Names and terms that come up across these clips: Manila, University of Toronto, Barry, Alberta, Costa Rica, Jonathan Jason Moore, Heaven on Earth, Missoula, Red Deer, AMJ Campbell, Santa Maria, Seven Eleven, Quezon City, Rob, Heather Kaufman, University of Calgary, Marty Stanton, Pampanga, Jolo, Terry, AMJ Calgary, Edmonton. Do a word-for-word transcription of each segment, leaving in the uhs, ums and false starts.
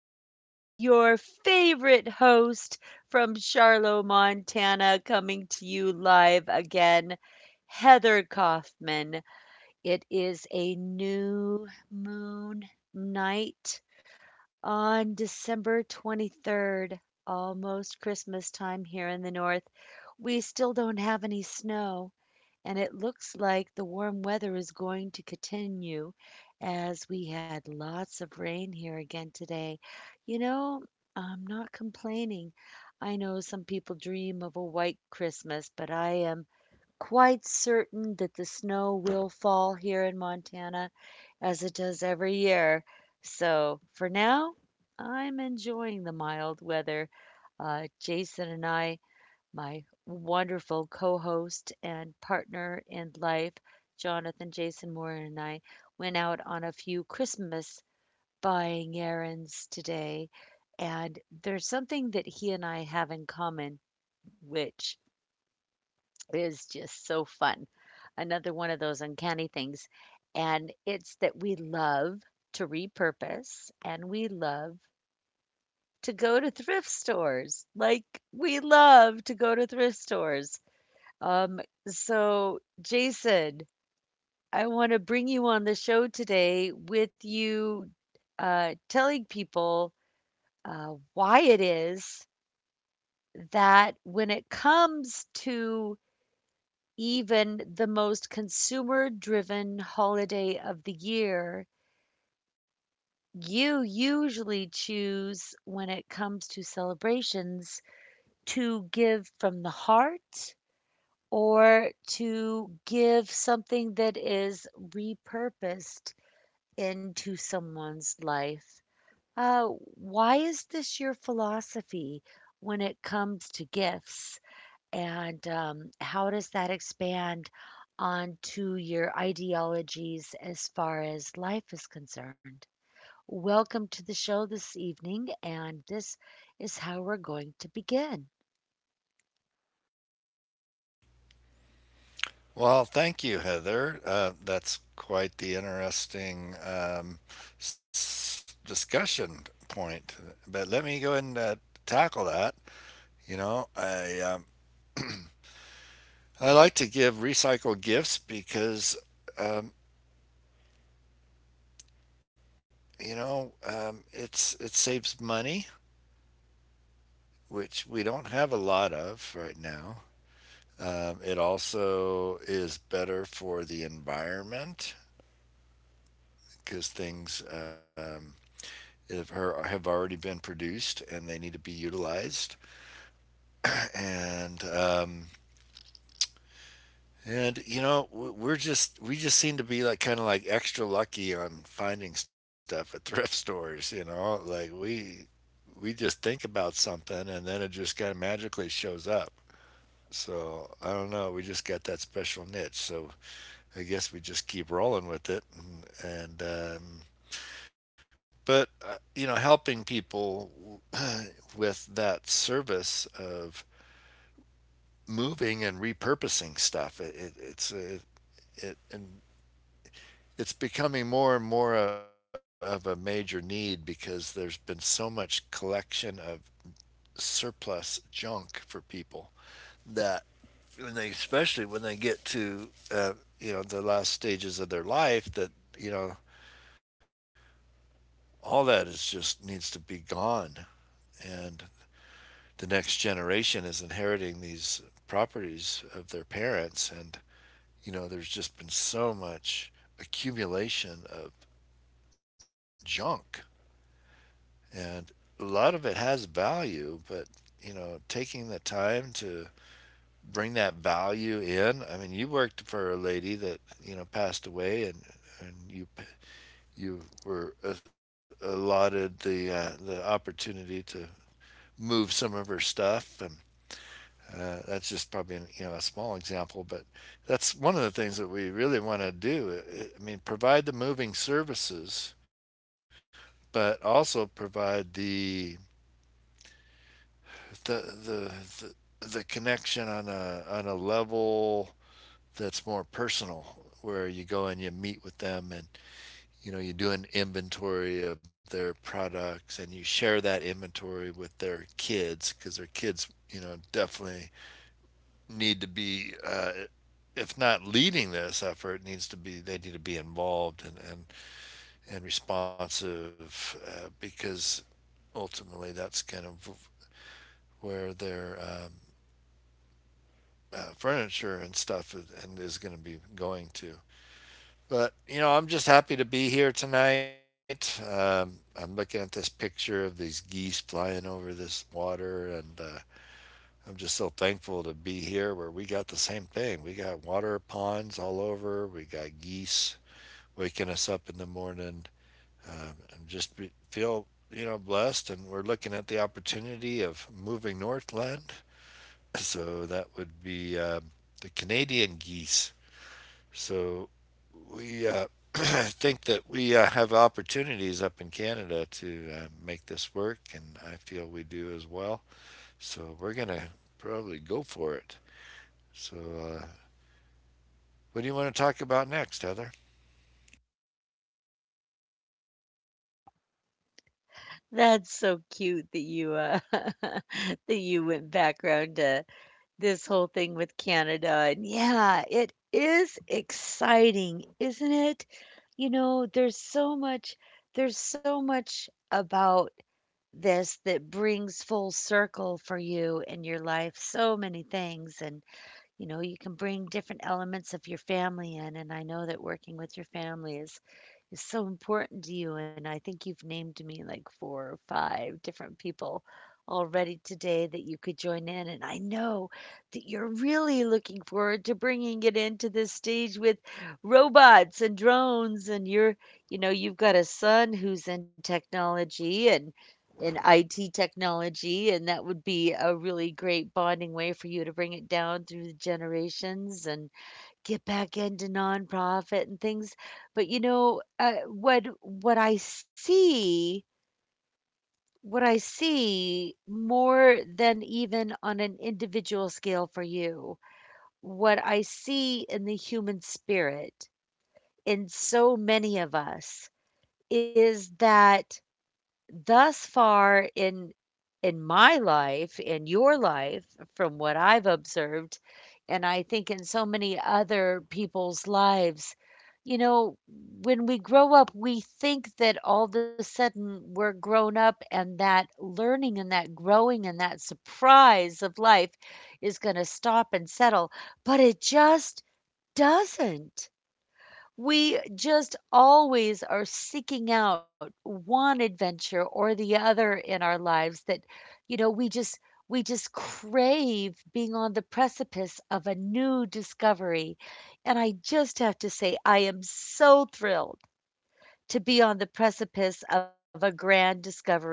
It is your favorite host from Charlotte, Montana, coming to you live again, Heather Kaufman. It is a new moon night on December twenty-third, almost Christmas time here in the north. We still don't have any snow and it looks like the warm weather is going to continue as we had lots of rain here again today. You know, I'm not complaining. I know some people dream of a white Christmas, but I am quite certain that the snow will fall here in Montana as it does every year. So for now, I'm enjoying the mild weather. Uh, Jason and I, my wonderful co host and partner in life, Jonathan Jason Moore, and I went out on a few Christmas buying errands today. And there's something that he and I have in common, which is just so fun. Another one of those uncanny things. And it's that we love to repurpose and we love to go to thrift stores. Like, we love to go to thrift stores. Um, so, Jason, I want to bring you on the show today with you uh, telling people uh, why it is that when it comes to even the most consumer driven holiday of the year, you usually choose when it comes to celebrations to give from the heart or to give something that is repurposed into someone's life. Uh, why is this your philosophy when it comes to gifts? And um, how does that expand onto your ideologies as far as life is concerned? Welcome to the show this evening, and this is how we're going to begin. Well, thank you, Heather. Uh, that's quite the interesting um, s- discussion point. But let me go ahead and uh, tackle that. You know, I um, I like to give recycled gifts because um, you know um, it's it saves money, which we don't have a lot of right now. Um, it also is better for the environment because things. Um, have, already been produced and they need to be utilized. And um, and you know we're just we just seem to be like kind of like extra lucky on finding stuff at thrift stores. You know, like we we just think about something and then it just kind of magically shows up. So I don't know. We just got that special niche. So I guess we just keep rolling with it and, and um, But, uh, you know, helping people with that service of moving and repurposing stuff, it, it, it's a, it, and it's becoming more and more a, of a major need because there's been so much collection of surplus junk for people that when they especially when they get to uh, you know the last stages of their life, that you know all that is just needs to be gone, and the next generation is inheriting these properties of their parents. And you know there's just been so much accumulation of junk, and a lot of it has value. But you know, taking the time to bring that value in, I mean, you worked for a lady that you know passed away, and and you you were allotted the uh, the opportunity to move some of her stuff. And Uh, that's just probably an, you know, a small example, but that's one of the things that we really want to do. I mean, provide the moving services, but also provide the the the the, the connection on a on a level that's more personal, where you go and you meet with them, and you know you do an inventory of their products, and you share that inventory with their kids, because their kids you know definitely need to be, uh, if not leading this effort, needs to be they need to be involved, and and and responsive uh, because ultimately that's kind of where their um, uh, furniture and stuff is, and is going to be going to. But you know, I'm just happy to be here tonight. Um, I'm looking at this picture of these geese flying over this water, and uh, I'm just so thankful to be here where we got the same thing. We got water ponds all over. We got geese waking us up in the morning. Um, and just be, feel you know blessed, and we're looking at the opportunity of moving northland. So that would be um the Canadian geese. So we uh, think that we uh, have opportunities up in Canada to uh, make this work, and I feel we do as well. So we're gonna probably go for it. So, uh, what do you want to talk about next, Heather? That's so cute that you, uh, that you went back around to this whole thing with Canada, and yeah, it is exciting, isn't it? You know, there's so much, there's so much about this that brings full circle for you in your life, so many things, and, you know, you can bring different elements of your family in, and I know that working with your family is is so important to you. And I think you've named me like four or five different people already today that you could join in. And I know that you're really looking forward to bringing it into this stage with robots and drones. And you're, you know, you've got a son who's in technology and in I T technology, and that would be a really great bonding way for you to bring it down through the generations. And get back into nonprofit and things, but, you know, uh, what what I see, what I see more than even on an individual scale for you, what I see in the human spirit in so many of us is that thus far in in my life, in your life, from what I've observed, and I think in so many other people's lives, you know, when we grow up, we think that all of a sudden we're grown up and that learning and that growing and that surprise of life is going to stop and settle, but it just doesn't. We just always are seeking out one adventure or the other in our lives that, you know, we just we just crave being on the precipice of a new discovery, and I just have to say I am so thrilled to be on the precipice of a grand discovery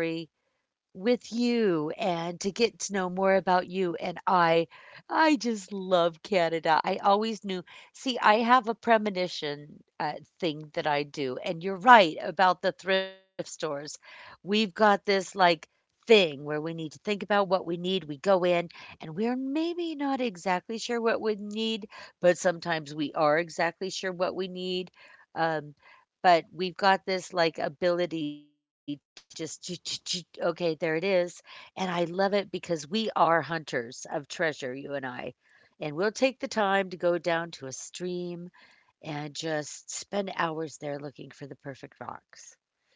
with you and to get to know more about you. And I I just love Canada. I always knew. See, I have a premonition uh, thing that I do and you're right about the thrift stores. We've got this, like, thing where we need to think about what we need. We go in and we're maybe not exactly sure what we need, but sometimes we are exactly sure what we need. Um but we've got this, like, ability to just ch- ch- ch- okay, there it is, and I love it because we are hunters of treasure, you and I, and we'll take the time to go down to a stream and just spend hours there looking for the perfect rocks,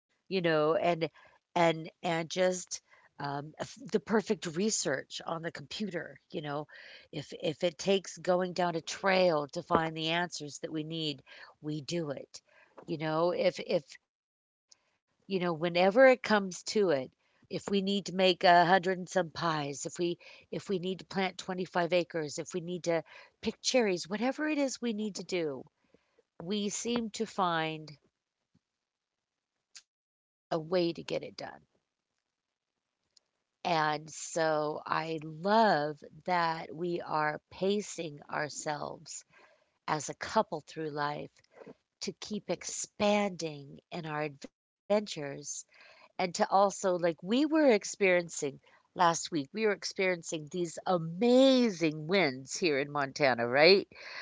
you know, and and and just um, f- the perfect research on the computer, you know, if if it takes going down a trail to find the answers that we need, we do it. You know, if if you know, Whenever it comes to it, if we need to make a hundred and some pies, if we if we need to plant twenty-five acres, if we need to pick cherries, whatever it is we need to do, we seem to find a way to get it done. And so I love that we are pacing ourselves as a couple through life to keep expanding in our adventures and to also, like we were experiencing, last week we were experiencing these amazing winds here in Montana, right?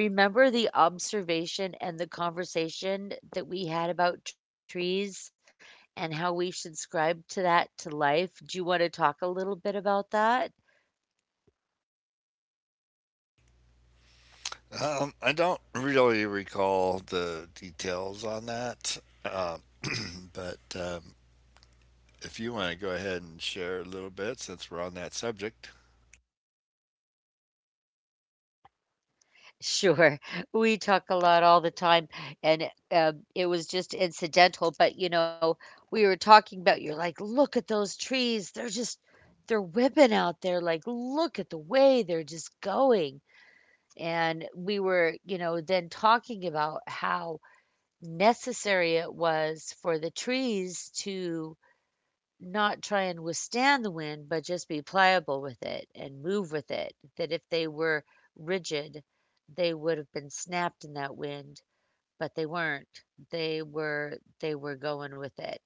Do you remember the observation and the conversation that we had about trees and how we should scribe to that to life? Do you want to talk a little bit about that? Um, I don't really recall the details on that, um, but um, if you want to go ahead and share a little bit since we're on that subject. Sure. We talk a lot all the time, and um, it was just incidental. But you know, we were talking about, you're like, look at those trees. They're just, they're whipping out there. Like, look at the way they're just going. And we were, you know, then talking about how necessary it was for the trees to not try and withstand the wind, but just be pliable with it and move with it. That if they were rigid, they would have been snapped in that wind, but they weren't. They were they were going with it.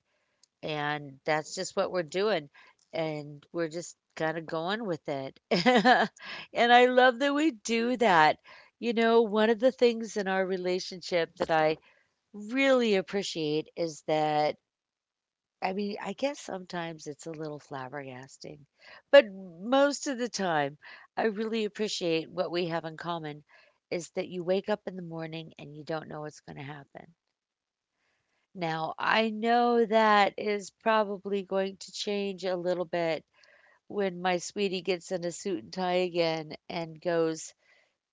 And that's just what we're doing. And we're just kind of going with it. And I love that we do that. You know, one of the things in our relationship that I really appreciate is that, I mean, I guess sometimes it's a little flabbergasting, but most of the time, I really appreciate what we have in common is that you wake up in the morning and you don't know what's going to happen. Now, I know that is probably going to change a little bit when my sweetie gets in a suit and tie again and goes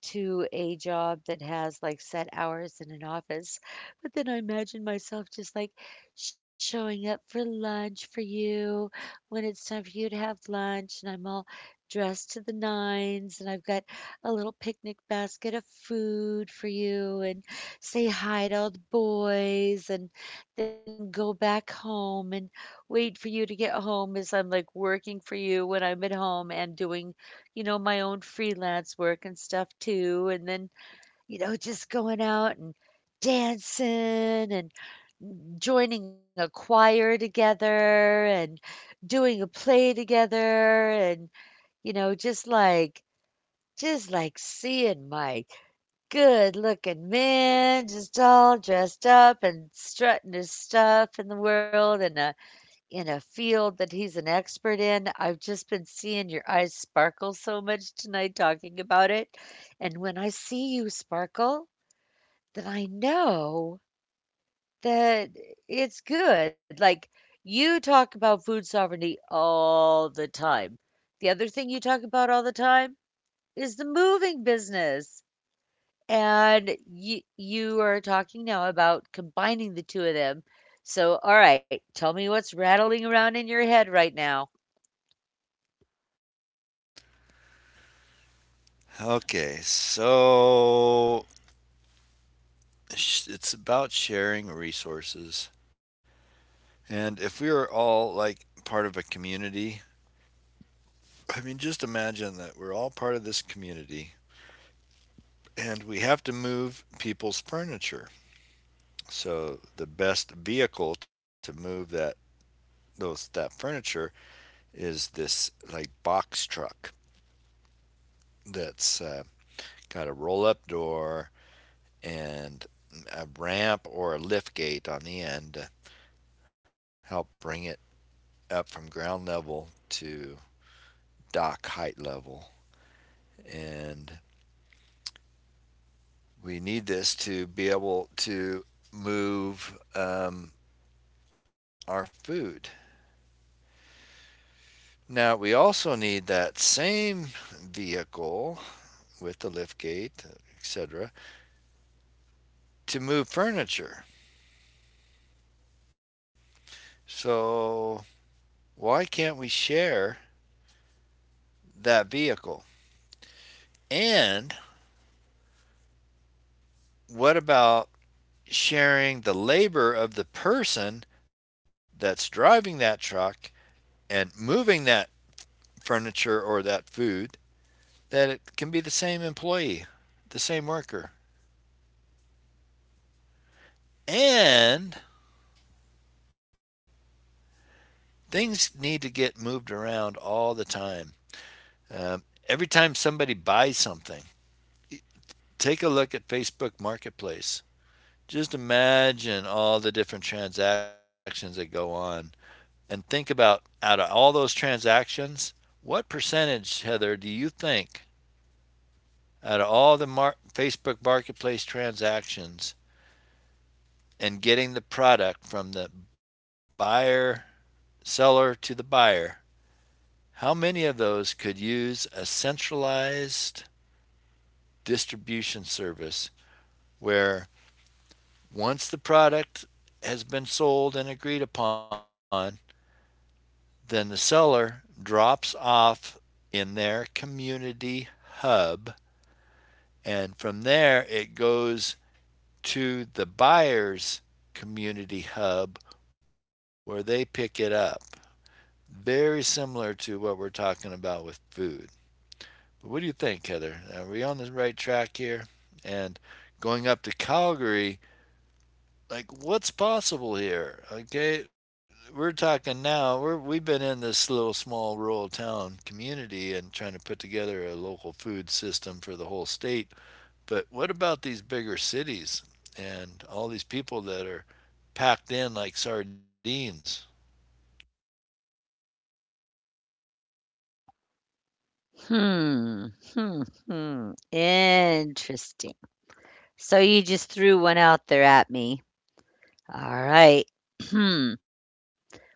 to a job that has like set hours in an office. But then I imagine myself just like showing up for lunch for you when it's time for you to have lunch, and I'm all dressed to the nines, and I've got a little picnic basket of food for you, and say hi to all the boys, and then go back home and wait for you to get home as I'm like working for you when I'm at home and doing, you know, my own freelance work and stuff too. And then, you know, just going out and dancing and joining a choir together and doing a play together and, you know, just like, just like seeing my good looking man just all dressed up and strutting his stuff in the world and a, in a field that he's an expert in. I've just been seeing your eyes sparkle so much tonight talking about it. And when I see you sparkle, then I know that it's good. Like, you talk about food sovereignty all the time. The other thing you talk about all the time is the moving business. And you, you are talking now about combining the two of them. So, all right, tell me what's rattling around in your head right now. Okay, so it's about sharing resources. And if we were all like part of a community, I mean, just imagine that we're all part of this community and we have to move people's furniture. So the best vehicle to move that those that furniture is this like box truck that's uh, got a roll up door and a ramp or a lift gate on the end to help bring it up from ground level to dock height level. And we need this to be able to move um, our food. Now, we also need that same vehicle with the lift gate, et cetera, to move furniture. So why can't we share that vehicle? And what about sharing the labor of the person that's driving that truck and moving that furniture or that food, that it can be the same employee, the same worker. And things need to get moved around all the time. Um, every time somebody buys something, take a look at Facebook Marketplace. Just imagine all the different transactions that go on, and think about, out of all those transactions, what percentage, Heather, do you think, out of all the mar- Facebook Marketplace transactions and getting the product from the buyer, seller to the buyer, how many of those could use a centralized distribution service, where once the product has been sold and agreed upon, then the seller drops off in their community hub. And from there, it goes to the buyer's community hub where they pick it up. Very similar to what we're talking about with food. But what do you think, Heather? Are we on the right track here? And going up to Calgary, like what's possible here? Okay, we're talking now, we're we've been in this little small rural town community and trying to put together a local food system for the whole state, but what about these bigger cities and all these people that are packed in like sardines? Hmm. Hmm. Hmm. Interesting. So you just threw one out there at me. All right. Hmm.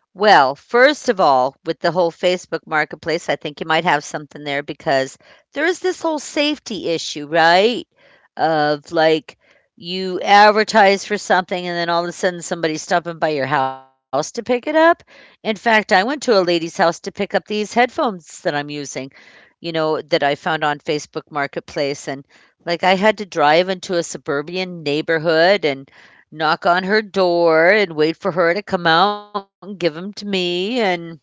Well, first of all, with the whole Facebook marketplace, I think you might have something there because there is this whole safety issue, right? Of like, you advertise for something and then all of a sudden somebody's stopping by your house to pick it up. In fact, I went to a lady's house to pick up these headphones that I'm using, you know, that I found on Facebook Marketplace. And like I had to drive into a suburban neighborhood and knock on her door and wait for her to come out and give them to me, and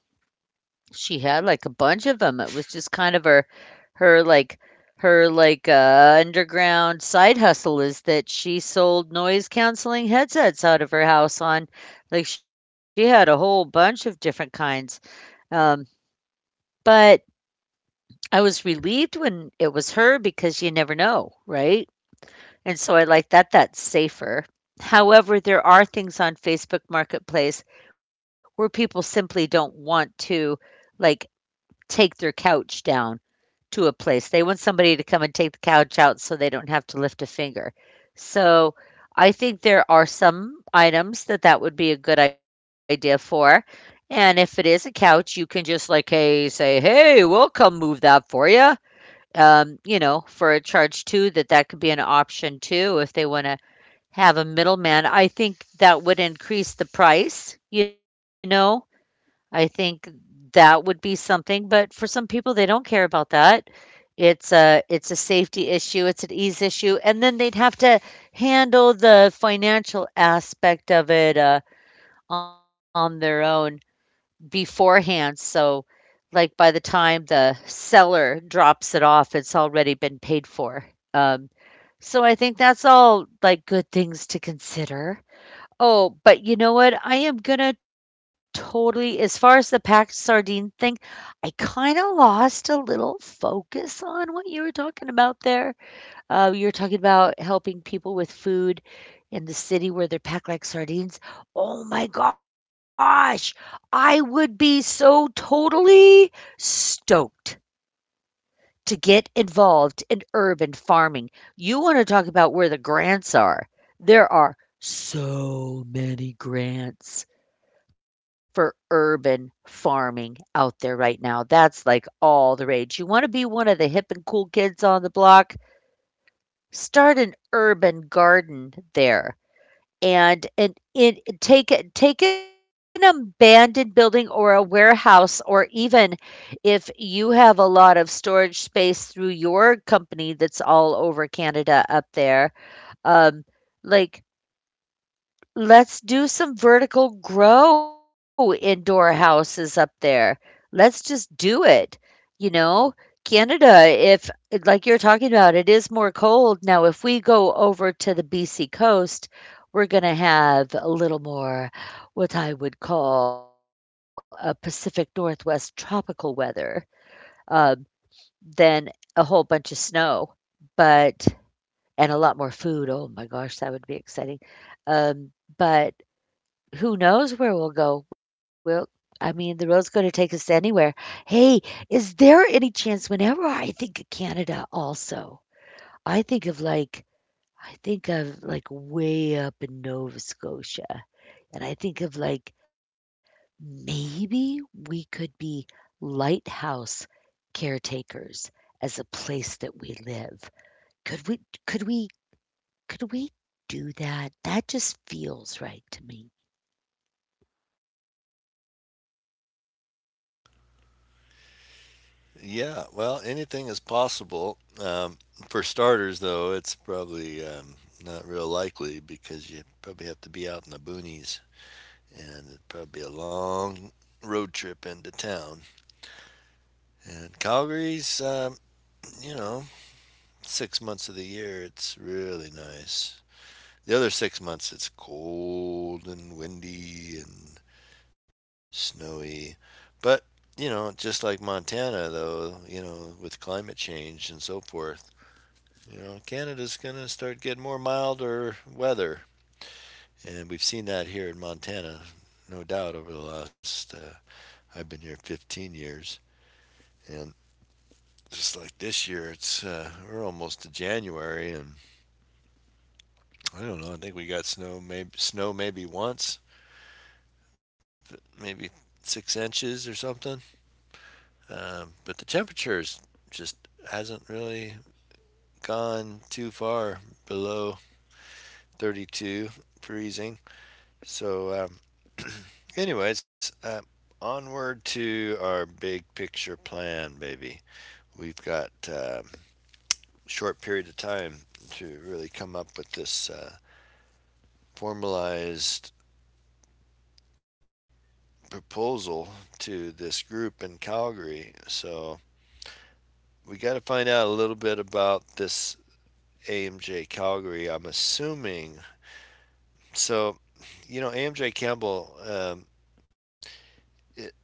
she had like a bunch of them. It was just kind of her, her like, her like uh underground side hustle is that she sold noise canceling headsets out of her house. On like she had a whole bunch of different kinds. Um but I was relieved when it was her because you never know, right? And so I like that that's safer. However, there are things on Facebook Marketplace where people simply don't want to, like, take their couch down to a place. They want somebody to come and take the couch out so they don't have to lift a finger. So I think there are some items that that would be a good idea for. And if it is a couch, you can just like, hey, say, hey, we'll come move that for you. Um, you know, for a charge too, that that could be an option too if they want to have a middleman. I think that would increase the price, you know? I think that would be something, but for some people, they don't care about that. It's a it's a safety issue, it's an ease issue, and then they'd have to handle the financial aspect of it, uh, on their own beforehand, so, like, by the time the seller drops it off, it's already been paid for. Um, so I think that's all, like, good things to consider. Oh, but you know what? I am gonna totally as far as the packed sardine thing, I kinda lost a little focus on what you were talking about there. Uh, you were talking about helping people with food in the city where they're packed like sardines. Oh my gosh! I would be so totally stoked to get involved in urban farming. You want to talk about where the grants are. There are so many grants for urban farming out there right now. That's like all the rage. You want to be one of the hip and cool kids on the block? Start an urban garden there, and it, it take take an abandoned building or a warehouse, or even if you have a lot of storage space through your company that's all over Canada up there, um like, let's do some vertical grow indoor houses up there. Let's just do it. You know, Canada, if like you're talking about, it is more cold. Now, if we go over to the B C coast, we're going to have a little more what I would call a Pacific Northwest tropical weather, um, than a whole bunch of snow, but and a lot more food. Oh my gosh, that would be exciting. Um, but who knows where we'll go? We'll, I mean, the road's gonna take us anywhere. Hey, is there any chance whenever I think of Canada also, I think of, like, I think of, like, way up in Nova Scotia, and I think of, like, maybe we could be lighthouse caretakers as a place that we live. Could we could we could we do that? That just feels right to me. Yeah, well, anything is possible. Um, for starters, though, it's probably um, not real likely, because you probably have to be out in the boonies, and it'd probably be a long road trip into town. And Calgary's, um, you know, six months of the year, it's really nice. The other six months, it's cold and windy and snowy. But, you know, just like Montana, though, you know, with climate change and so forth, you know, Canada's going to start getting more milder weather. And we've seen that here in Montana, no doubt, over the last, uh, I've been here fifteen years. And Just like this year, it's uh, we're almost to January, and I don't know. I think we got snow, maybe snow maybe once, maybe six inches or something. Um, but the temperatures just hasn't really gone too far below thirty-two, freezing. So, um, anyways, uh, onward to our big picture plan, baby. We've got a uh, short period of time to really come up with this uh, formalized proposal to this group in Calgary. So we got to find out a little bit about this A M J Calgary, I'm assuming. So, you know, A M J Campbell, um, it,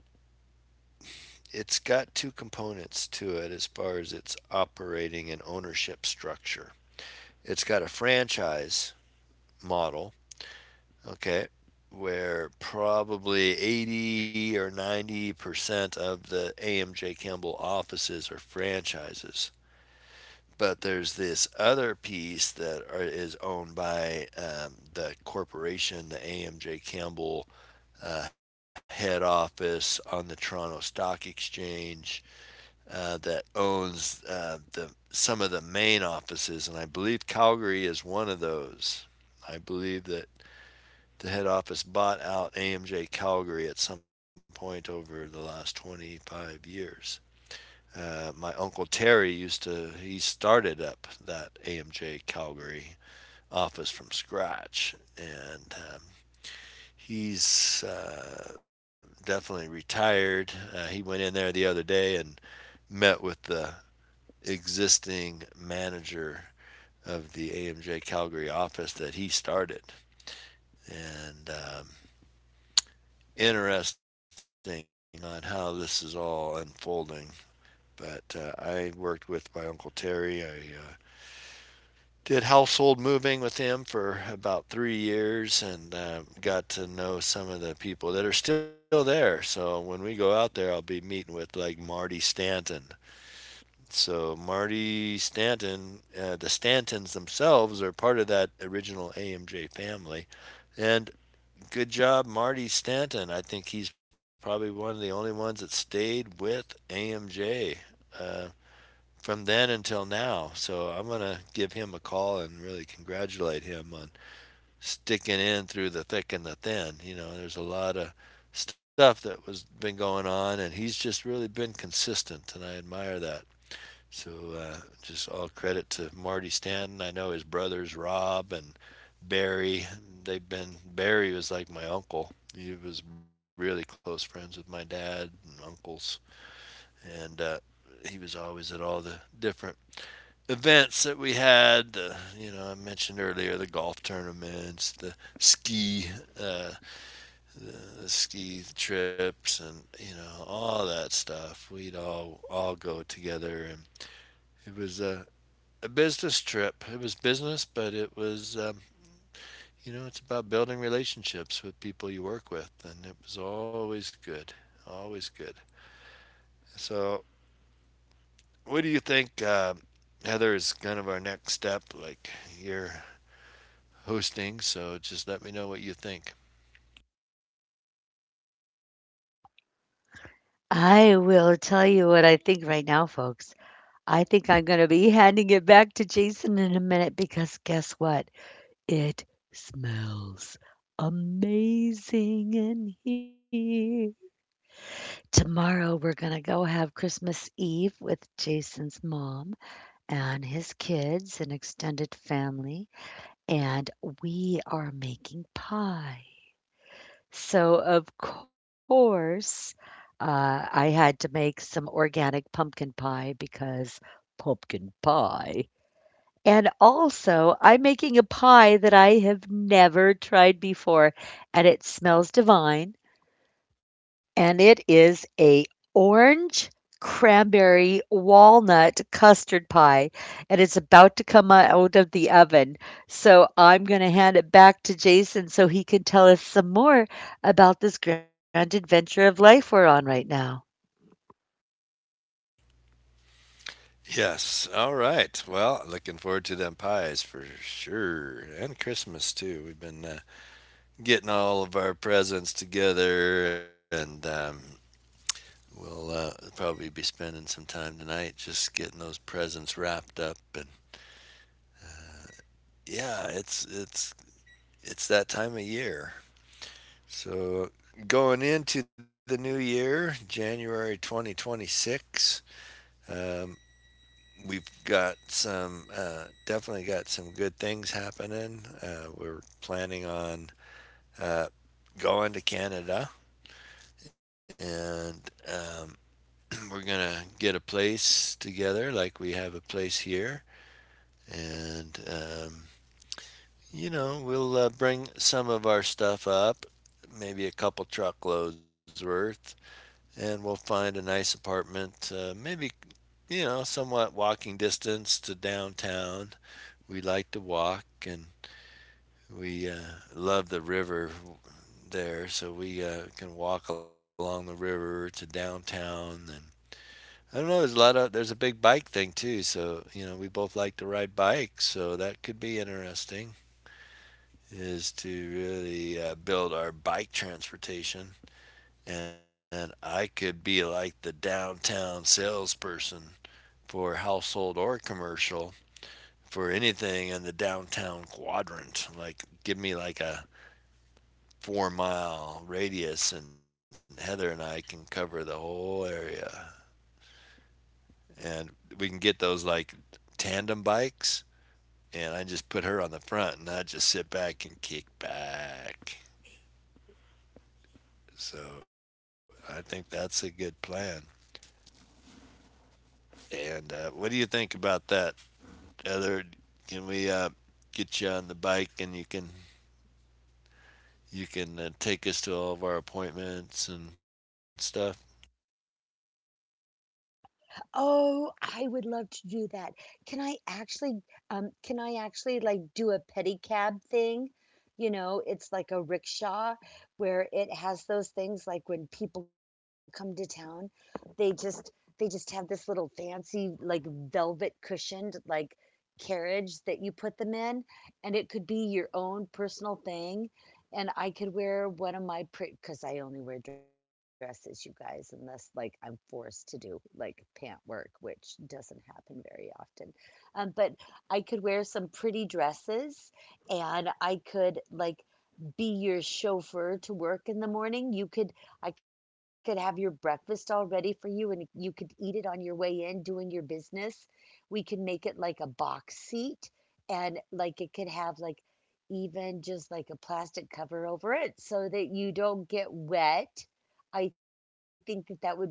it's got two components to it as far as its operating and ownership structure. It's got a franchise model. Okay. Where probably eighty or ninety percent of the A M J Campbell offices are franchises. But there's this other piece that are, is owned by um, the corporation, the A M J Campbell uh, head office on the Toronto Stock Exchange, uh, that owns uh, the some of the main offices, and I believe Calgary is one of those. I believe that the head office bought out A M J Calgary at some point over the last twenty-five years. Uh, my uncle Terry used to, he started up that A M J Calgary office from scratch. And um, He's uh, definitely retired. Uh, he went in there the other day and met with the existing manager of the A M J Calgary office that he started. And um, Interesting on how this is all unfolding. But uh, I worked with my Uncle Terry. I uh, did household moving with him for about three years, and uh, got to know some of the people that are still there. So when we go out there, I'll be meeting with like Marty Stanton. So Marty Stanton, uh, the Stantons themselves are part of that original A M J family, and good job, Marty Stanton. I think he's probably one of the only ones that stayed with A M J uh, from then until now. So I'm going to give him a call and really congratulate him on sticking in through the thick and the thin. You know, there's a lot of stuff that was been going on, and he's just really been consistent, and I admire that. So uh, just all credit to Marty Stanton. I know his brothers Rob and Barry. They've been Barry was like my uncle. He was really close friends with my dad and uncles, and uh, he was always at all the different events that we had. The You know, I mentioned earlier the golf tournaments, the ski, uh, the, the ski trips, and you know all that stuff. We'd all all go together, and it was a a business trip. It was business, but it was um, you know, it's about building relationships with people you work with, and it was always good, always good. So, what do you think, uh, Heather, is kind of our next step? Like, you're hosting, so just let me know what you think. I will tell you what I think right now, folks. I think I'm going to be handing it back to Jason in a minute, because guess what? It smells amazing in here. Tomorrow, we're going to go have Christmas Eve with Jason's mom and his kids and extended family, and we are making pie. So, of course, uh, I had to make some organic pumpkin pie because pumpkin pie. And also, I'm making a pie that I have never tried before, and it smells divine, and it is a orange cranberry walnut custard pie, and it's about to come out of the oven. So I'm going to hand it back to Jason so he can tell us some more about this grand adventure of life we're on right now. Yes. All right. Well, looking forward to them pies for sure, and Christmas too. We've been uh, getting all of our presents together, and um, we'll uh, probably be spending some time tonight just getting those presents wrapped up. And yeah, it's it's it's that time of year. So going into the new year, January twenty twenty-six, um, we've got some uh, definitely got some good things happening. Uh, we're planning on uh, going to Canada, and um, we're gonna get a place together, like we have a place here, and um, you know, we'll uh, bring some of our stuff up, maybe a couple truckloads worth, and we'll find a nice apartment, uh, maybe, you know, somewhat walking distance to downtown. We like to walk, and we uh, love the river there, so we uh, can walk along the river to downtown. And I don't know, there's a lot of, there's a big bike thing too, so, you know, we both like to ride bikes, so that could be interesting. Is to really uh, build our bike transportation. And I could be like the downtown salesperson for household or commercial, for anything in the downtown quadrant. Like, give me like a four mile radius, and Heather and I can cover the whole area. And we can get those like tandem bikes, and I just put her on the front, and I just sit back and kick back. So I think that's a good plan. And uh, what do you think about that? Other, can we uh, get you on the bike and you can you can uh, take us to all of our appointments and stuff? Oh, I would love to do that. Can I actually um can I actually like do a pedicab thing? You know, it's like a rickshaw where it has those things like when people come to town, they just they just have this little fancy like velvet cushioned like carriage that you put them in, and it could be your own personal thing. And I could wear one of my pretty, because I only wear dresses, you guys, unless like I'm forced to do like pant work, which doesn't happen very often. Um, but I could wear some pretty dresses, and I could like be your chauffeur to work in the morning. You could I could have your breakfast all ready for you, and you could eat it on your way in doing your business. We could make it like a box seat, and like it could have like even just like a plastic cover over it so that you don't get wet. I think that that would be great.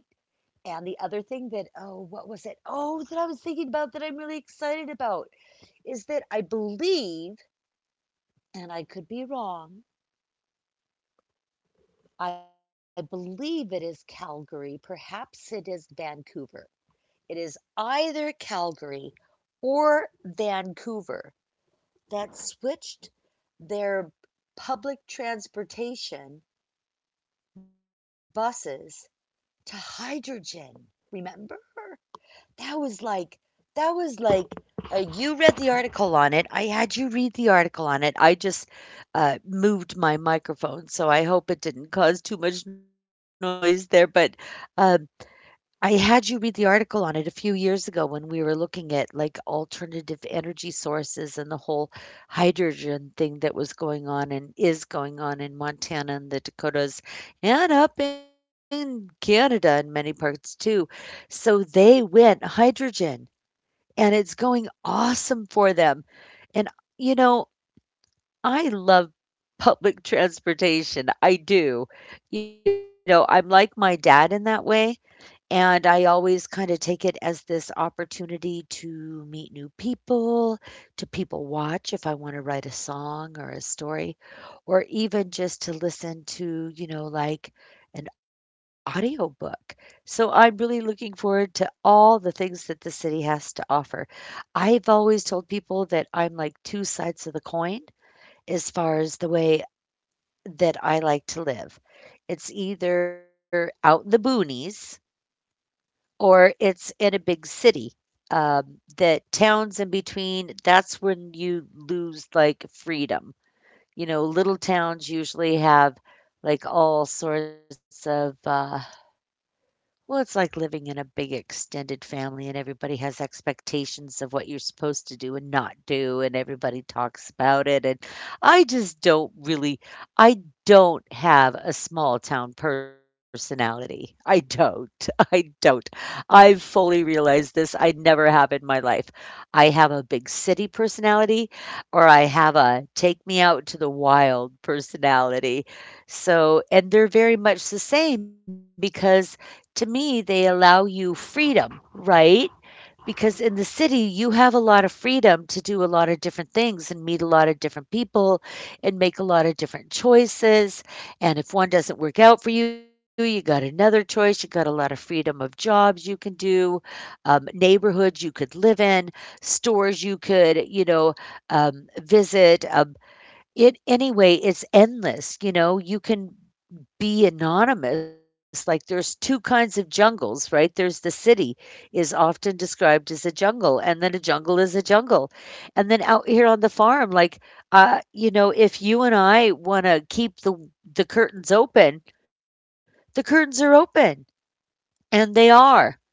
And the other thing that, oh, what was it? Oh, that I was thinking about that I'm really excited about is that I believe, and I could be wrong, I believe it is Calgary. Perhaps it is Vancouver. It is either Calgary or Vancouver that switched their public transportation buses to hydrogen. Remember? That was like that was like uh, You read the article on it. I had you read the article on it. I just uh, moved my microphone, so I hope it didn't cause too much noise there. But um, I had you read the article on it a few years ago when we were looking at like alternative energy sources, and the whole hydrogen thing that was going on and is going on in Montana and the Dakotas and up in Canada in many parts too. So they went hydrogen, and it's going awesome for them. And you know, I love public transportation. I do. You know, I'm like my dad in that way, and I always kinda take it as this opportunity to meet new people, to people watch if I wanna write a song or a story, or even just to listen to, you know, like, an audiobook. So I'm really looking forward to all the things that the city has to offer. I've always told people that I'm like two sides of the coin as far as the way that I like to live. It's either out in the boonies or it's in a big city. Um, that towns in between, that's when you lose like freedom. You know, little towns usually have like all sorts of uh, well, it's like living in a big extended family, and everybody has expectations of what you're supposed to do and not do, and everybody talks about it. And I just don't really, I don't have a small town personality. I don't. I don't. I've fully realized this. I never have in my life. I have a big city personality, or I have a take me out to the wild personality. So, and they're very much the same because to me, they allow you freedom, right? Because in the city, you have a lot of freedom to do a lot of different things and meet a lot of different people and make a lot of different choices. And if one doesn't work out for you, you got another choice. You got a lot of freedom of jobs you can do, um, neighborhoods you could live in, stores you could, you know, um, visit. Um, it anyway, it's endless. You know, you can be anonymous. Like there's two kinds of jungles, right? There's the city is often described as a jungle, and then a jungle is a jungle. And then out here on the farm, like, uh, you know, if you and I want to keep the the curtains open, the curtains are open, and they are.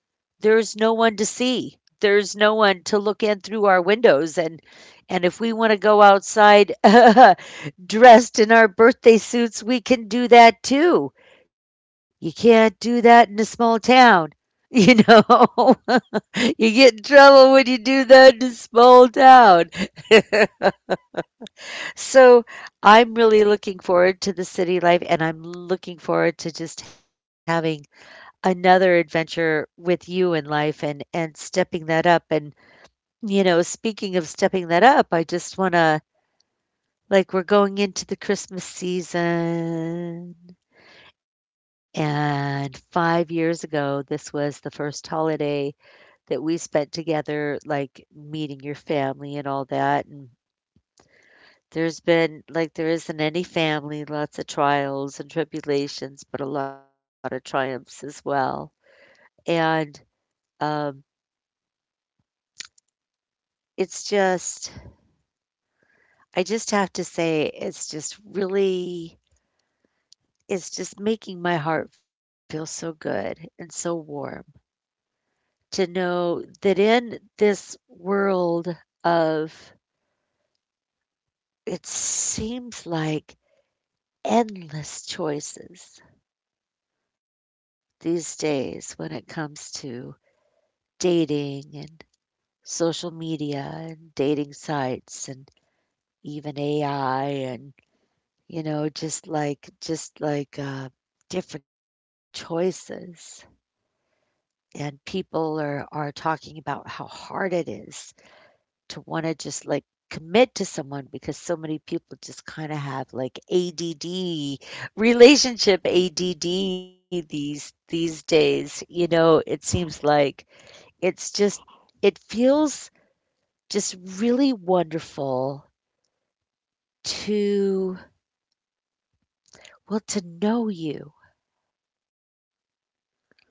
There's no one to see. There's no one to look in through our windows, and and if we want to go outside dressed in our birthday suits, we can do that too. You can't do that in a small town. You know, you get in trouble when you do that in a small town. So I'm really looking forward to the city life, and I'm looking forward to just having another adventure with you in life, and and stepping that up, and, you know, speaking of stepping that up, I just wanna, like, we're going into the Christmas season, and five years ago, this was the first holiday that we spent together, like, meeting your family and all that, and there's been like, there is isn't any family, lots of trials and tribulations, but a lot of triumphs as well, and, um, it's just I just have to say it's just really it's just making my heart feel so good and so warm to know that in this world of it seems like endless choices these days when it comes to dating and social media and dating sites and even A I and you know just like just like uh, different choices, and people are are talking about how hard it is to wanna just, like, commit to someone because so many people just kinda have, like, A D D, relationship A D D these these days, you know, it seems like. It's just it feels just really wonderful to well, to know you,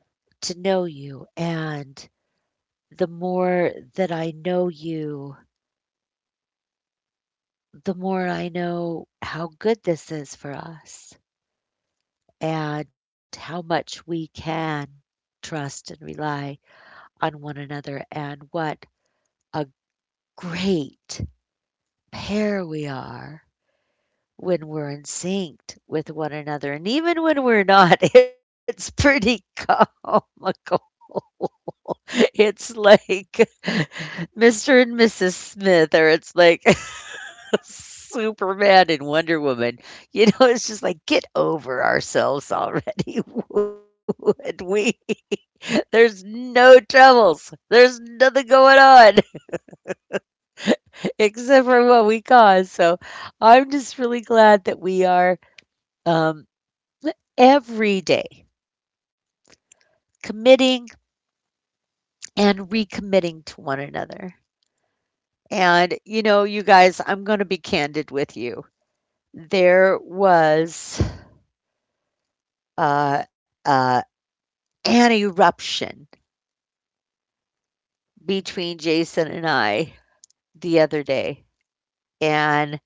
to know you, and the more that I know you the more I know how good this is for us and how much we can trust and rely on one another, and what a great pair we are when we're in sync with one another. And even when we're not, it's pretty comical. It's like mister and missus Smith, or it's like Superman and Wonder Woman. You know, it's just like get over ourselves already, would we? There's no troubles. There's nothing going on except for what we cause. So I'm just really glad that we are um, every day committing and recommitting to one another. And you know, you guys, I'm going to be candid with you. There was uh, uh, an eruption between Jason and I the other day, and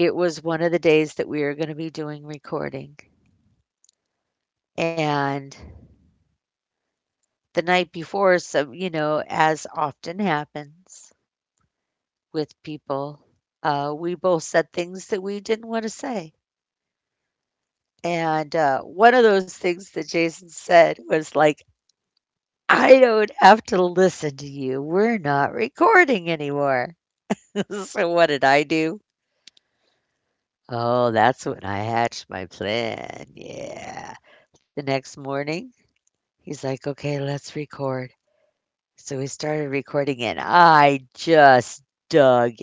it was one of the days that we are going to be doing recording. And the night before, so, you know, as often happens with people, uh, we both said things that we didn't want to say. And uh, one of those things that Jason said was like, I don't have to listen to you. We're not recording anymore. So, what did I do? Oh, that's when I hatched my plan, yeah. The next morning, he's like, "Okay, let's record." So we started recording and I just dug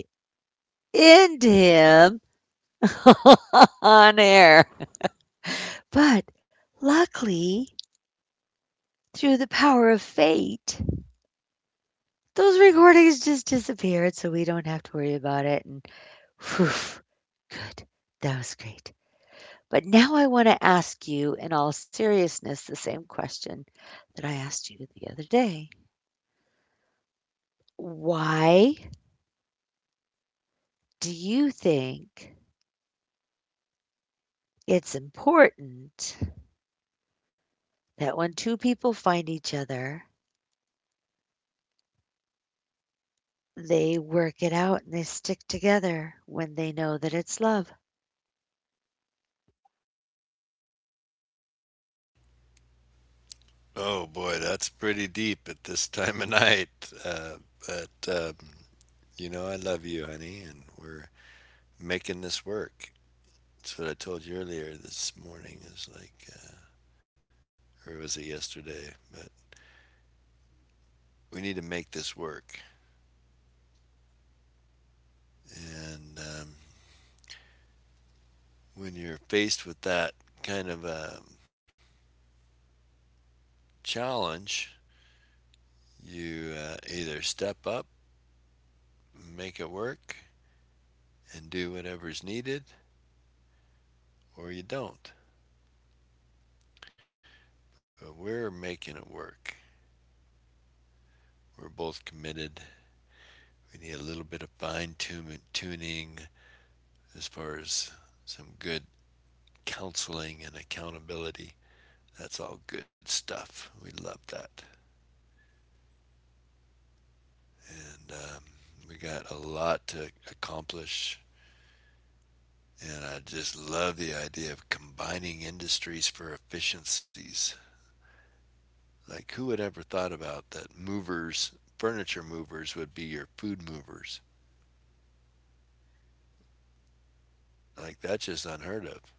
into him on air. But luckily, through the power of fate, those recordings just disappeared, so we don't have to worry about it and phew, good. That was great. But now I want to ask you, in all seriousness, the same question that I asked you the other day. Why do you think it's important that when two people find each other, they work it out and they stick together when they know that it's love? Oh boy, that's pretty deep at this time of night. Uh, but um, you know, I love you, honey, and we're making this work. That's what I told you earlier this morning. Is like, uh, or was it yesterday? But we need to make this work. And um, when you're faced with that kind of um, challenge, you uh, either step up, make it work, and do whatever's needed, or you don't. But we're making it work. We're both committed. We need a little bit of fine tuning as far as some good counseling and accountability. That's all good stuff. We love that. And um, we got a lot to accomplish. And I just love the idea of combining industries for efficiencies. Like who had ever thought about that, movers, furniture movers would be your food movers? Like that's just unheard of.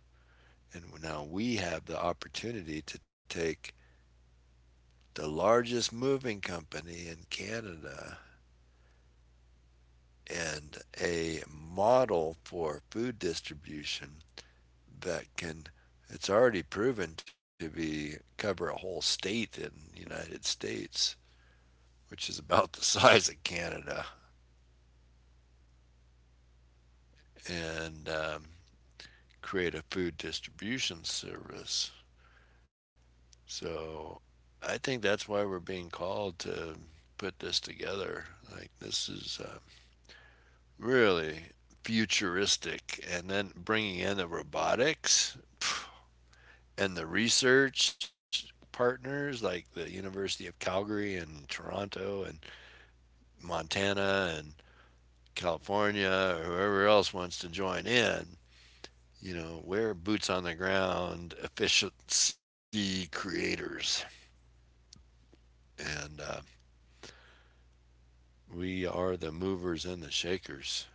And now we have the opportunity to take the largest moving company in Canada and a model for food distribution that can, it's already proven to be, cover a whole state in the United States, which is about the size of Canada, and um, create a food distribution service. So I think that's why we're being called to put this together. Like this is uh, really futuristic, and then bringing in the robotics and the research partners like the University of Calgary and Toronto and Montana and California or whoever else wants to join in. You know, we're boots on the ground efficiency creators. And uh, we are the movers and the shakers.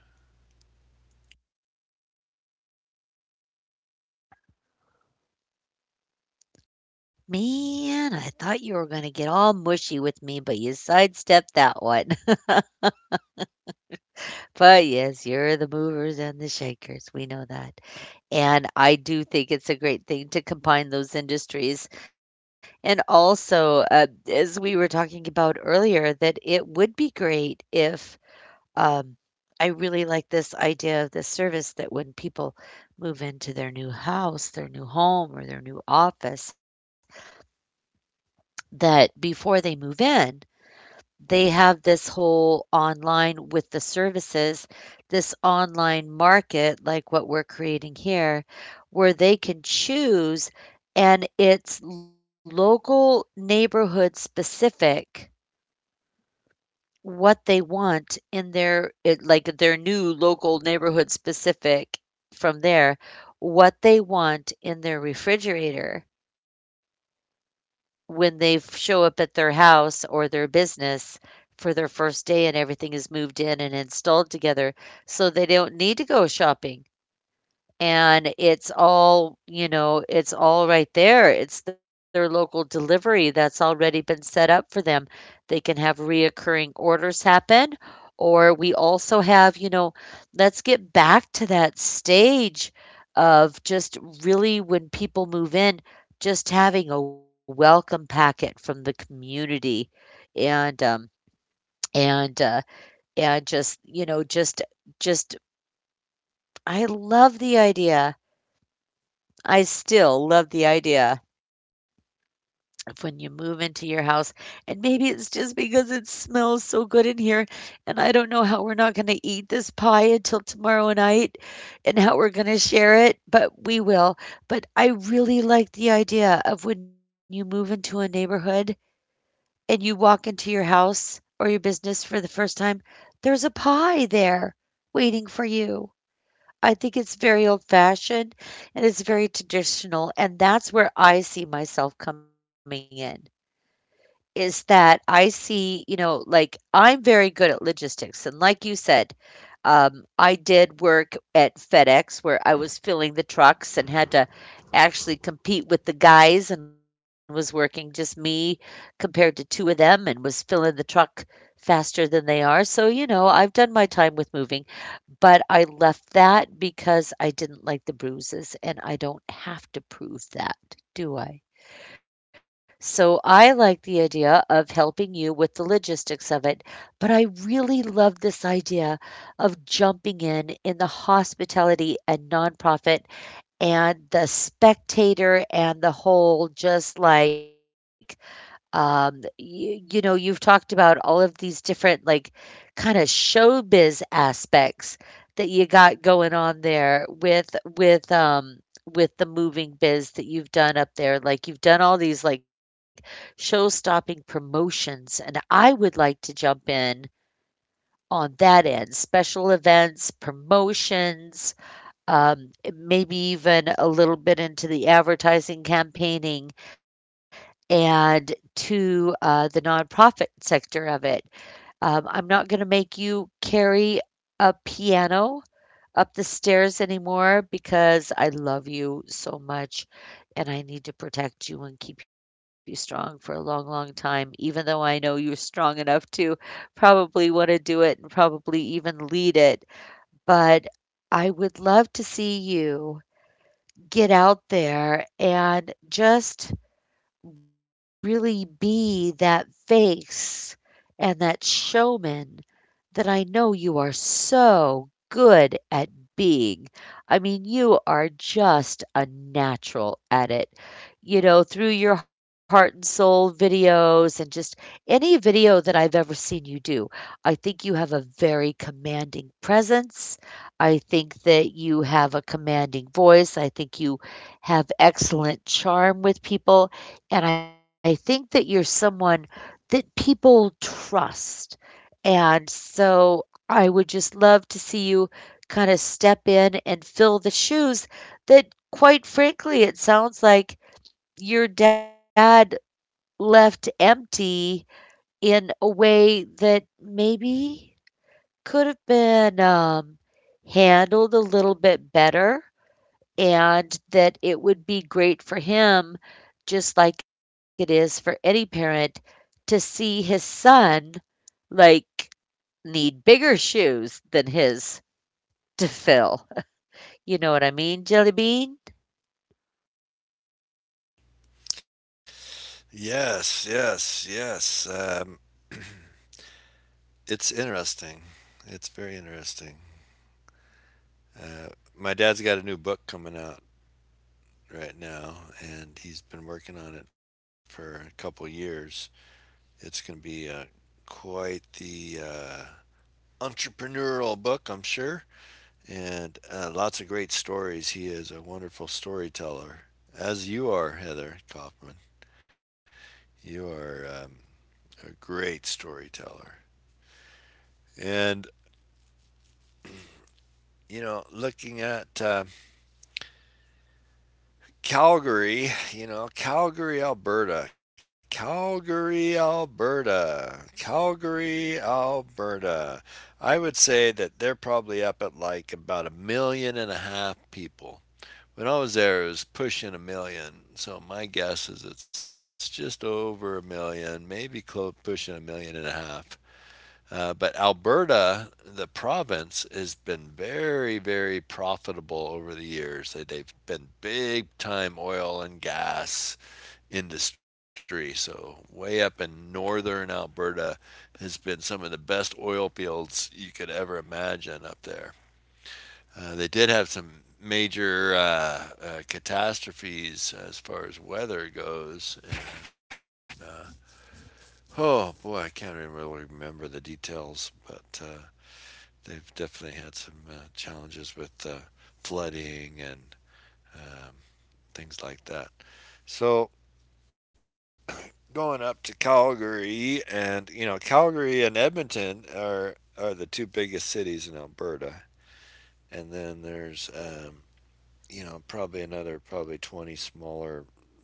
Man, I thought you were going to get all mushy with me, but you sidestepped that one. But yes, you're the movers and the shakers. We know that. And I do think it's a great thing to combine those industries. And also, uh, as we were talking about earlier, that it would be great if um, I really like this idea of this service that when people move into their new house, their new home, or their new office, that before they move in, they have this whole online with the services, this online market, like what we're creating here, where they can choose, and it's local, neighborhood specific what they want in their it, like their new local neighborhood specific from there, what they want in their refrigerator, when they f show up at their house or their business for their first day and everything is moved in and installed together, so they don't need to go shopping, and it's all, you know, it's all right there. It's their local delivery that's already been set up for them. They can have reoccurring orders happen, or we also have, you know, let's get back to that stage of just really when people move in just having a welcome packet from the community and um and uh and just you know just just I love the idea. I still love the idea of when you move into your house, and maybe it's just because it smells so good in here, and I don't know how we're not going to eat this pie until tomorrow night and how we're going to share it, but we will. But I really like the idea of when you move into a neighborhood and you walk into your house or your business for the first time, there's a pie there waiting for you. I think it's very old fashioned and it's very traditional. And that's where I see myself coming in is that I see, you know, like I'm very good at logistics. And like you said, um, I did work at FedEx where I was filling the trucks and had to actually compete with the guys and was working just me compared to two of them and was filling the truck faster than they are. So, you know, I've done my time with moving, but I left that because I didn't like the bruises and I don't have to prove that, do I? So I like the idea of helping you with the logistics of it, but I really love this idea of jumping in in the hospitality and nonprofit and the spectator and the whole just like um you, you know, you've talked about all of these different, like, kind of showbiz aspects that you got going on there with with um with the moving biz that you've done up there. Like you've done all these like show stopping promotions and I would like to jump in on that end, special events promotions, um maybe even a little bit into the advertising campaigning and to uh, the nonprofit sector of it. Um, I'm not going to make you carry a piano up the stairs anymore because I love you so much and I need to protect you and keep you strong for a long, long time, even though I know you're strong enough to probably want to do it and probably even lead it. But I would love to see you get out there and just really be that face and that showman that I know you are so good at being. I mean, you are just a natural at it. You know, through your heart and soul videos and just any video that I've ever seen you do, I think you have a very commanding presence. I think that you have a commanding voice. I think you have excellent charm with people. And I think that you're someone that people trust. And so I would just love to see you kinda step in and fill the shoes that, quite frankly, it sounds like your dad left empty in a way that maybe could have been, um, handled a little bit better, and that it would be great for him, just like it is for any parent, to see his son, like, need bigger shoes than his to fill. You know what I mean, Jelly Bean? Yes, yes, yes. Um, it's interesting. It's very interesting. Uh, my dad's got a new book coming out right now, and he's been working on it for a couple years. It's going to be uh, quite the uh, entrepreneurial book, I'm sure, and uh, lots of great stories. He is a wonderful storyteller, as you are, Heather Kaufman. You are um, a great storyteller. And, you know, looking at uh, Calgary, you know, Calgary, Alberta, Calgary, Alberta, Calgary, Alberta. I would say that they're probably up at like about a million and a half people. When I was there, it was pushing a million. So my guess is it's just over a million, maybe close pushing a million and a half. Uh, but Alberta, the province, has been very, very profitable over the years. They, have been big time oil and gas industry. So, way up in northern Alberta has been some of the best oil fields you could ever imagine up there. Uh, they did have some major uh, uh, catastrophes as far as weather goes. And, uh, oh boy, I can't even really remember the details, but uh, they've definitely had some uh, challenges with uh, flooding and um, things like that. So going up to Calgary, and you know, Calgary and Edmonton are are the two biggest cities in Alberta, and then there's um, you know probably another probably twenty smaller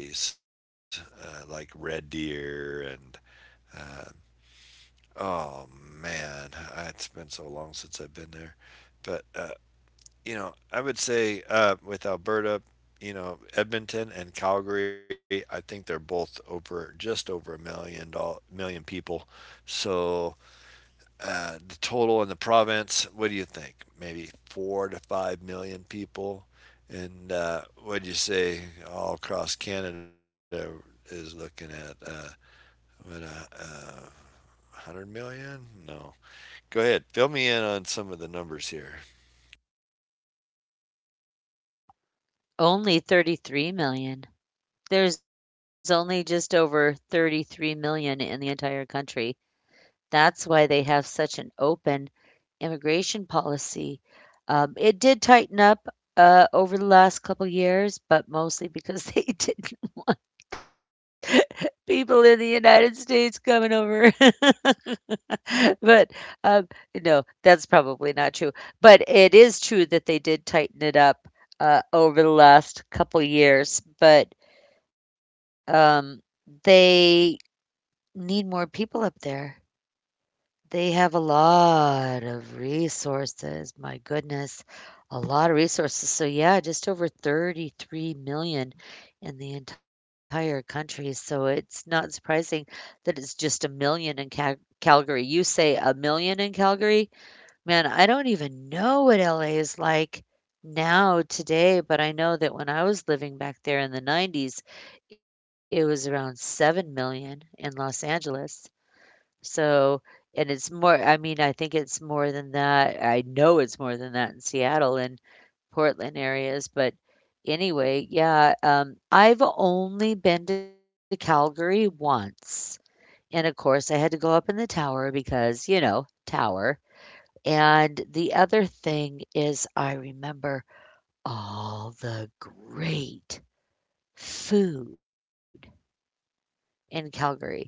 cities uh, like Red Deer and uh, oh man, it's been so long since I've been there, but uh, you know, I would say uh, with Alberta, you know, Edmonton and Calgary, I think they're both over just over a million doll million people. So uh, the total in the province, what do you think? Maybe four to five million people, and uh, what do you say all across Canada is looking at? Uh, what uh, uh, one hundred million? No. Go ahead, fill me in on some of the numbers here. Only thirty-three million. There's only just over thirty-three million in the entire country. That's why they have such an open immigration policy. Um, it did tighten up uh, over the last couple years, but mostly because they didn't want people in the United States coming over. But, um, no, that's probably not true. But it is true that they did tighten it up, uh, over the last couple years, but, um, they need more people up there. They have a lot of resources, my goodness, a lot of resources. So, yeah, just over thirty-three million in the entire country, so it's not surprising that it's just a million in Cal Calgary. You say a million in Calgary? Man, I don't even know what L A is like now today, but I know that when I was living back there in the nineties, it was around seven million in Los Angeles. So and it's more. I mean, I think it's more than that. I know it's more than that in Seattle and Portland areas, but anyway, yeah, um, I've only been to Calgary once, and, of course, I had to go up in the tower because, you know, tower. And the other thing is I remember all the great food in Calgary.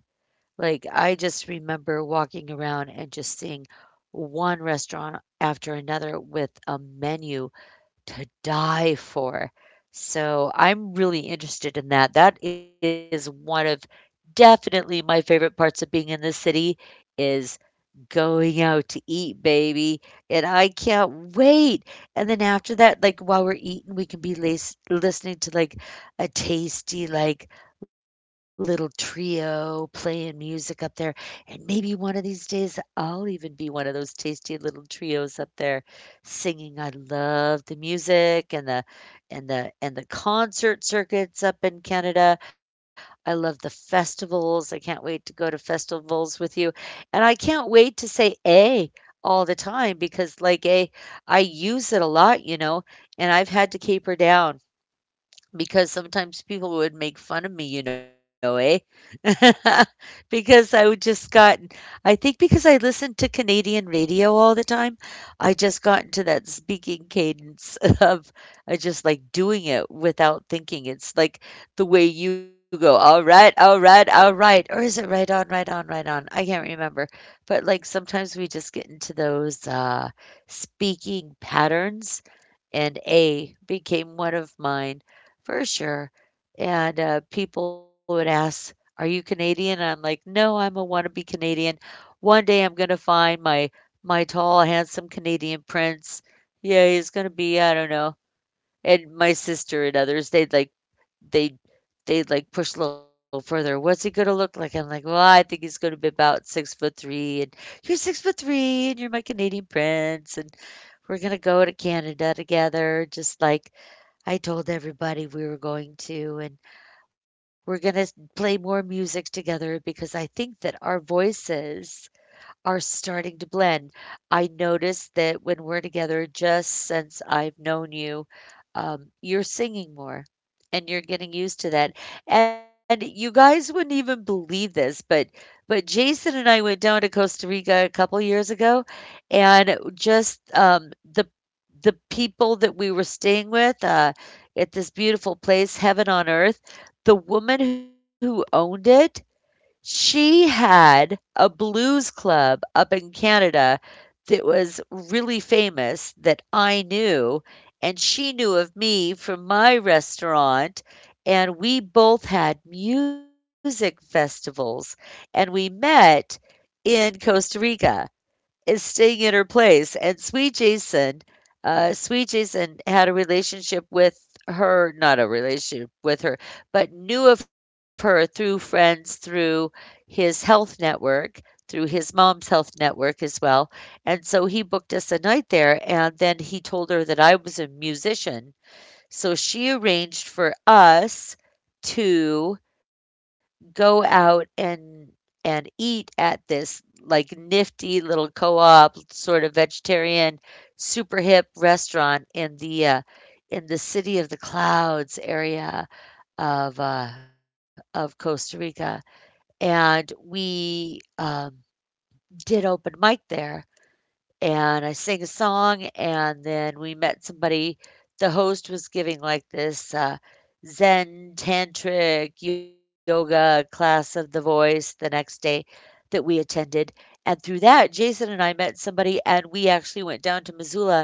Like, I just remember walking around and just seeing one restaurant after another with a menu to die for. So I'm really interested in that. That is one of definitely my favorite parts of being in the city is going out to eat, baby. And I can't wait. And then after that, like while we're eating, we can be lis- listening to like a tasty, like little trio playing music up there. And maybe one of these days, I'll even be one of those tasty little trios up there. Singing, I love the music and the and the and the concert circuits up in Canada. I love the festivals. I can't wait to go to festivals with you. And I can't wait to say A all the time because like A, I use it a lot, you know, and I've had to caper down because sometimes people would make fun of me, you know, eh? Because I would just got, I think because I listened to Canadian radio all the time, I just got into that speaking cadence of I just like doing it without thinking. It's like the way you go, all right, all right, all right. Or is it right on, right on, right on? I can't remember. But like sometimes we just get into those uh, speaking patterns and A became one of mine for sure. And uh, people would ask, "Are you Canadian?" And I'm like, "No, I'm a wannabe Canadian. One day I'm gonna find my my tall, handsome Canadian prince. Yeah, he's gonna be, I don't know." And my sister and others, they'd like they they'd like push a little further. What's he gonna look like? I'm like, well, I think he's gonna be about six foot three, and you're six foot three, and you're my Canadian prince, and we're gonna go to Canada together, just like I told everybody we were going to, and we're going to play more music together because I think that our voices are starting to blend. I notice that when we're together, just since I've known you, um, you're singing more and you're getting used to that. And you guys wouldn't even believe this, but but Jason and I went down to Costa Rica a couple years ago, and just um, the the people that we were staying with uh, at this beautiful place, Heaven on Earth, the woman who owned it she had a blues club up in Canada that was really famous that I knew, and she knew of me from my restaurant, and we both had music festivals, and we met in Costa Rica is staying at her place. And Sweet Jason, uh, Sweet Jason had a relationship with her, not a relationship with her, but knew of her through friends, through his health network, through his mom's health network as well. And so he booked us a night there. And then he told her that I was a musician. So she arranged for us to go out and and eat at this like nifty little co-op sort of vegetarian super hip restaurant in the uh, in the city of the clouds area of uh, of Costa Rica, and we um, did open mic there, and I sang a song, and then we met somebody. The host was giving like this uh, Zen tantric yoga class of the voice the next day that we attended. And through that, Jason and I met somebody, and we actually went down to Missoula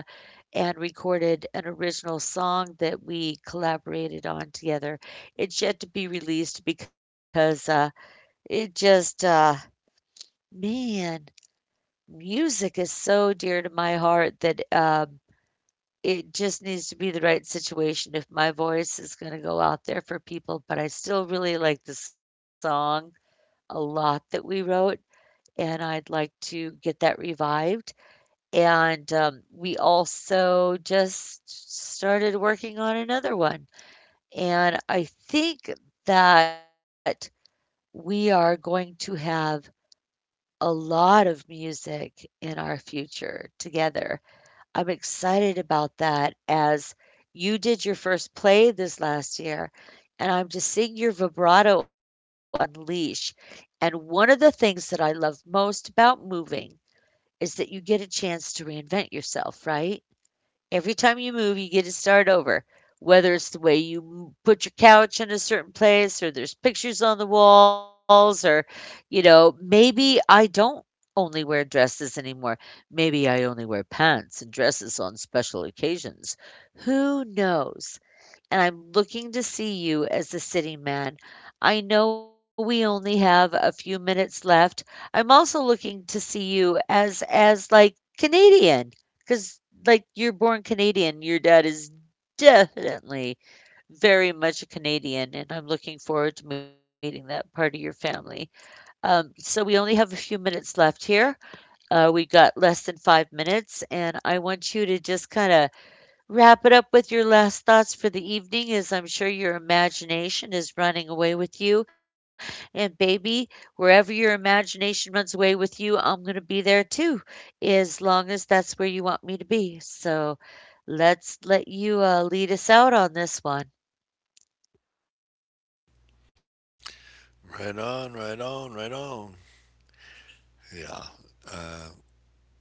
and recorded an original song that we collaborated on together. It's yet to be released because uh, it just, uh, man, music is so dear to my heart that um, it just needs to be the right situation if my voice is gonna go out there for people, but I still really like the song a lot that we wrote, and I'd like to get that revived, and, um, we also just started working on another one, and I think that we are going to have a lot of music in our future together. I'm excited about that as you did your first play this last year, and I'm just seeing your vibrato unleash. And one of the things that I love most about moving is that you get a chance to reinvent yourself, right? Every time you move, you get to start over. Whether it's the way you m- put your couch in a certain place, or there's pictures on the walls, or, you know, maybe I don't only wear dresses anymore. Maybe I only wear pants and dresses on special occasions. Who knows? And I'm looking to see you as the sitting man. I know we only have a few minutes left. I'm also looking to see you as as like Canadian, cuz like you're born Canadian. Your dad is definitely very much a Canadian, and I'm looking forward to meeting that part of your family. Um, so we only have a few minutes left here. Uh, we got less than five minutes, and I want you to just kind of wrap it up with your last thoughts for the evening, as I'm sure your imagination is running away with you. And, baby, wherever your imagination runs away with you, I'm going to be there too, as long as that's where you want me to be. So, let's let you uh, lead us out on this one. Right on, right on, right on. Yeah. Uh,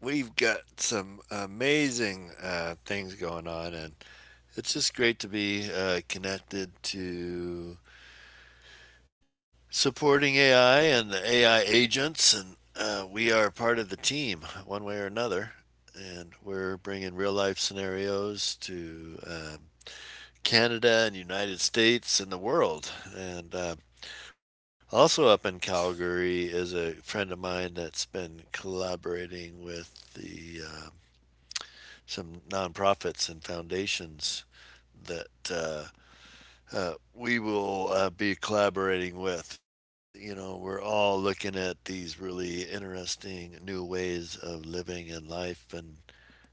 we've got some amazing uh, things going on, and it's just great to be uh, connected to supporting A I and the A I agents. And uh, we are part of the team, one way or another. And we're bringing real life scenarios to um, Canada and United States and the world. And uh, also up in Calgary is a friend of mine that's been collaborating with the uh, some nonprofits and foundations that uh, uh, we will uh, be collaborating with. You know, we're all looking at these really interesting new ways of living and life, and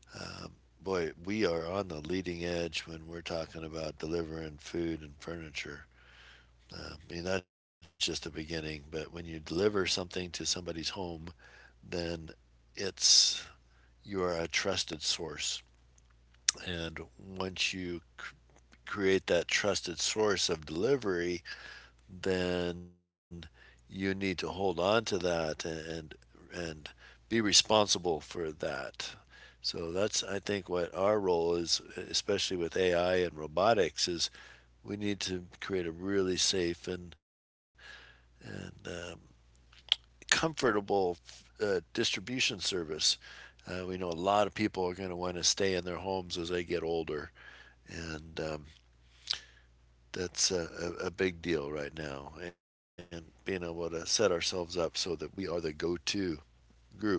um, boy, we are on the leading edge when we're talking about delivering food and furniture. Uh, I mean, that's just the beginning. But when you deliver something to somebody's home, then it's, you are a trusted source. And once you cr- create that trusted source of delivery, then you need to hold on to that and and be responsible for that. So that's I think what our role is, especially with A I and robotics, is we need to create a really safe and and um, comfortable uh, distribution service. Uh, we know a lot of people are going to want to stay in their homes as they get older, and um, that's a, a, big deal right now. And being able to set ourselves up so that we are the go-to group.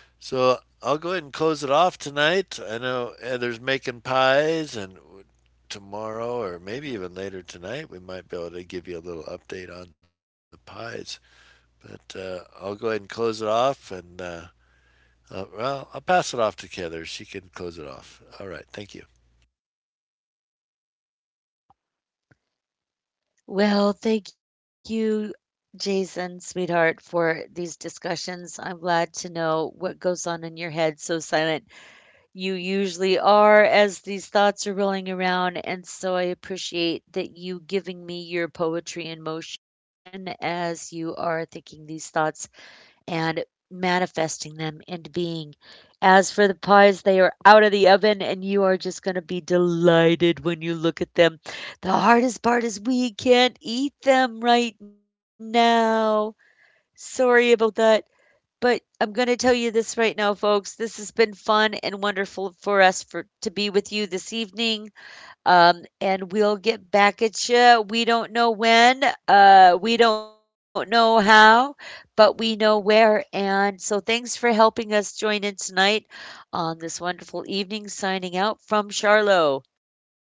So I'll go ahead and close it off tonight. I know Heather's making pies, and tomorrow or maybe even later tonight, we might be able to give you a little update on the pies. But uh, I'll go ahead and close it off and uh, Uh, well, I'll pass it off to Heather. She can close it off. All right. Thank you. Well, thank you, Jason, sweetheart, for these discussions. I'm glad to know what goes on in your head so silent you usually are as these thoughts are rolling around. And so I appreciate that you giving me your poetry in motion as you are thinking these thoughts and manifesting them into being. As for the pies, they are out of the oven and you are just going to be delighted when you look at them. The hardest part is we can't eat them right now. Sorry about that. But I'm going to tell you this right now, folks. This has been fun and wonderful for us for to be with you this evening. Um, and we'll get back at you. We don't know when. Uh, we don't know how, but we know where. And so, thanks for helping us join in tonight on this wonderful evening. Signing out from Charlotte.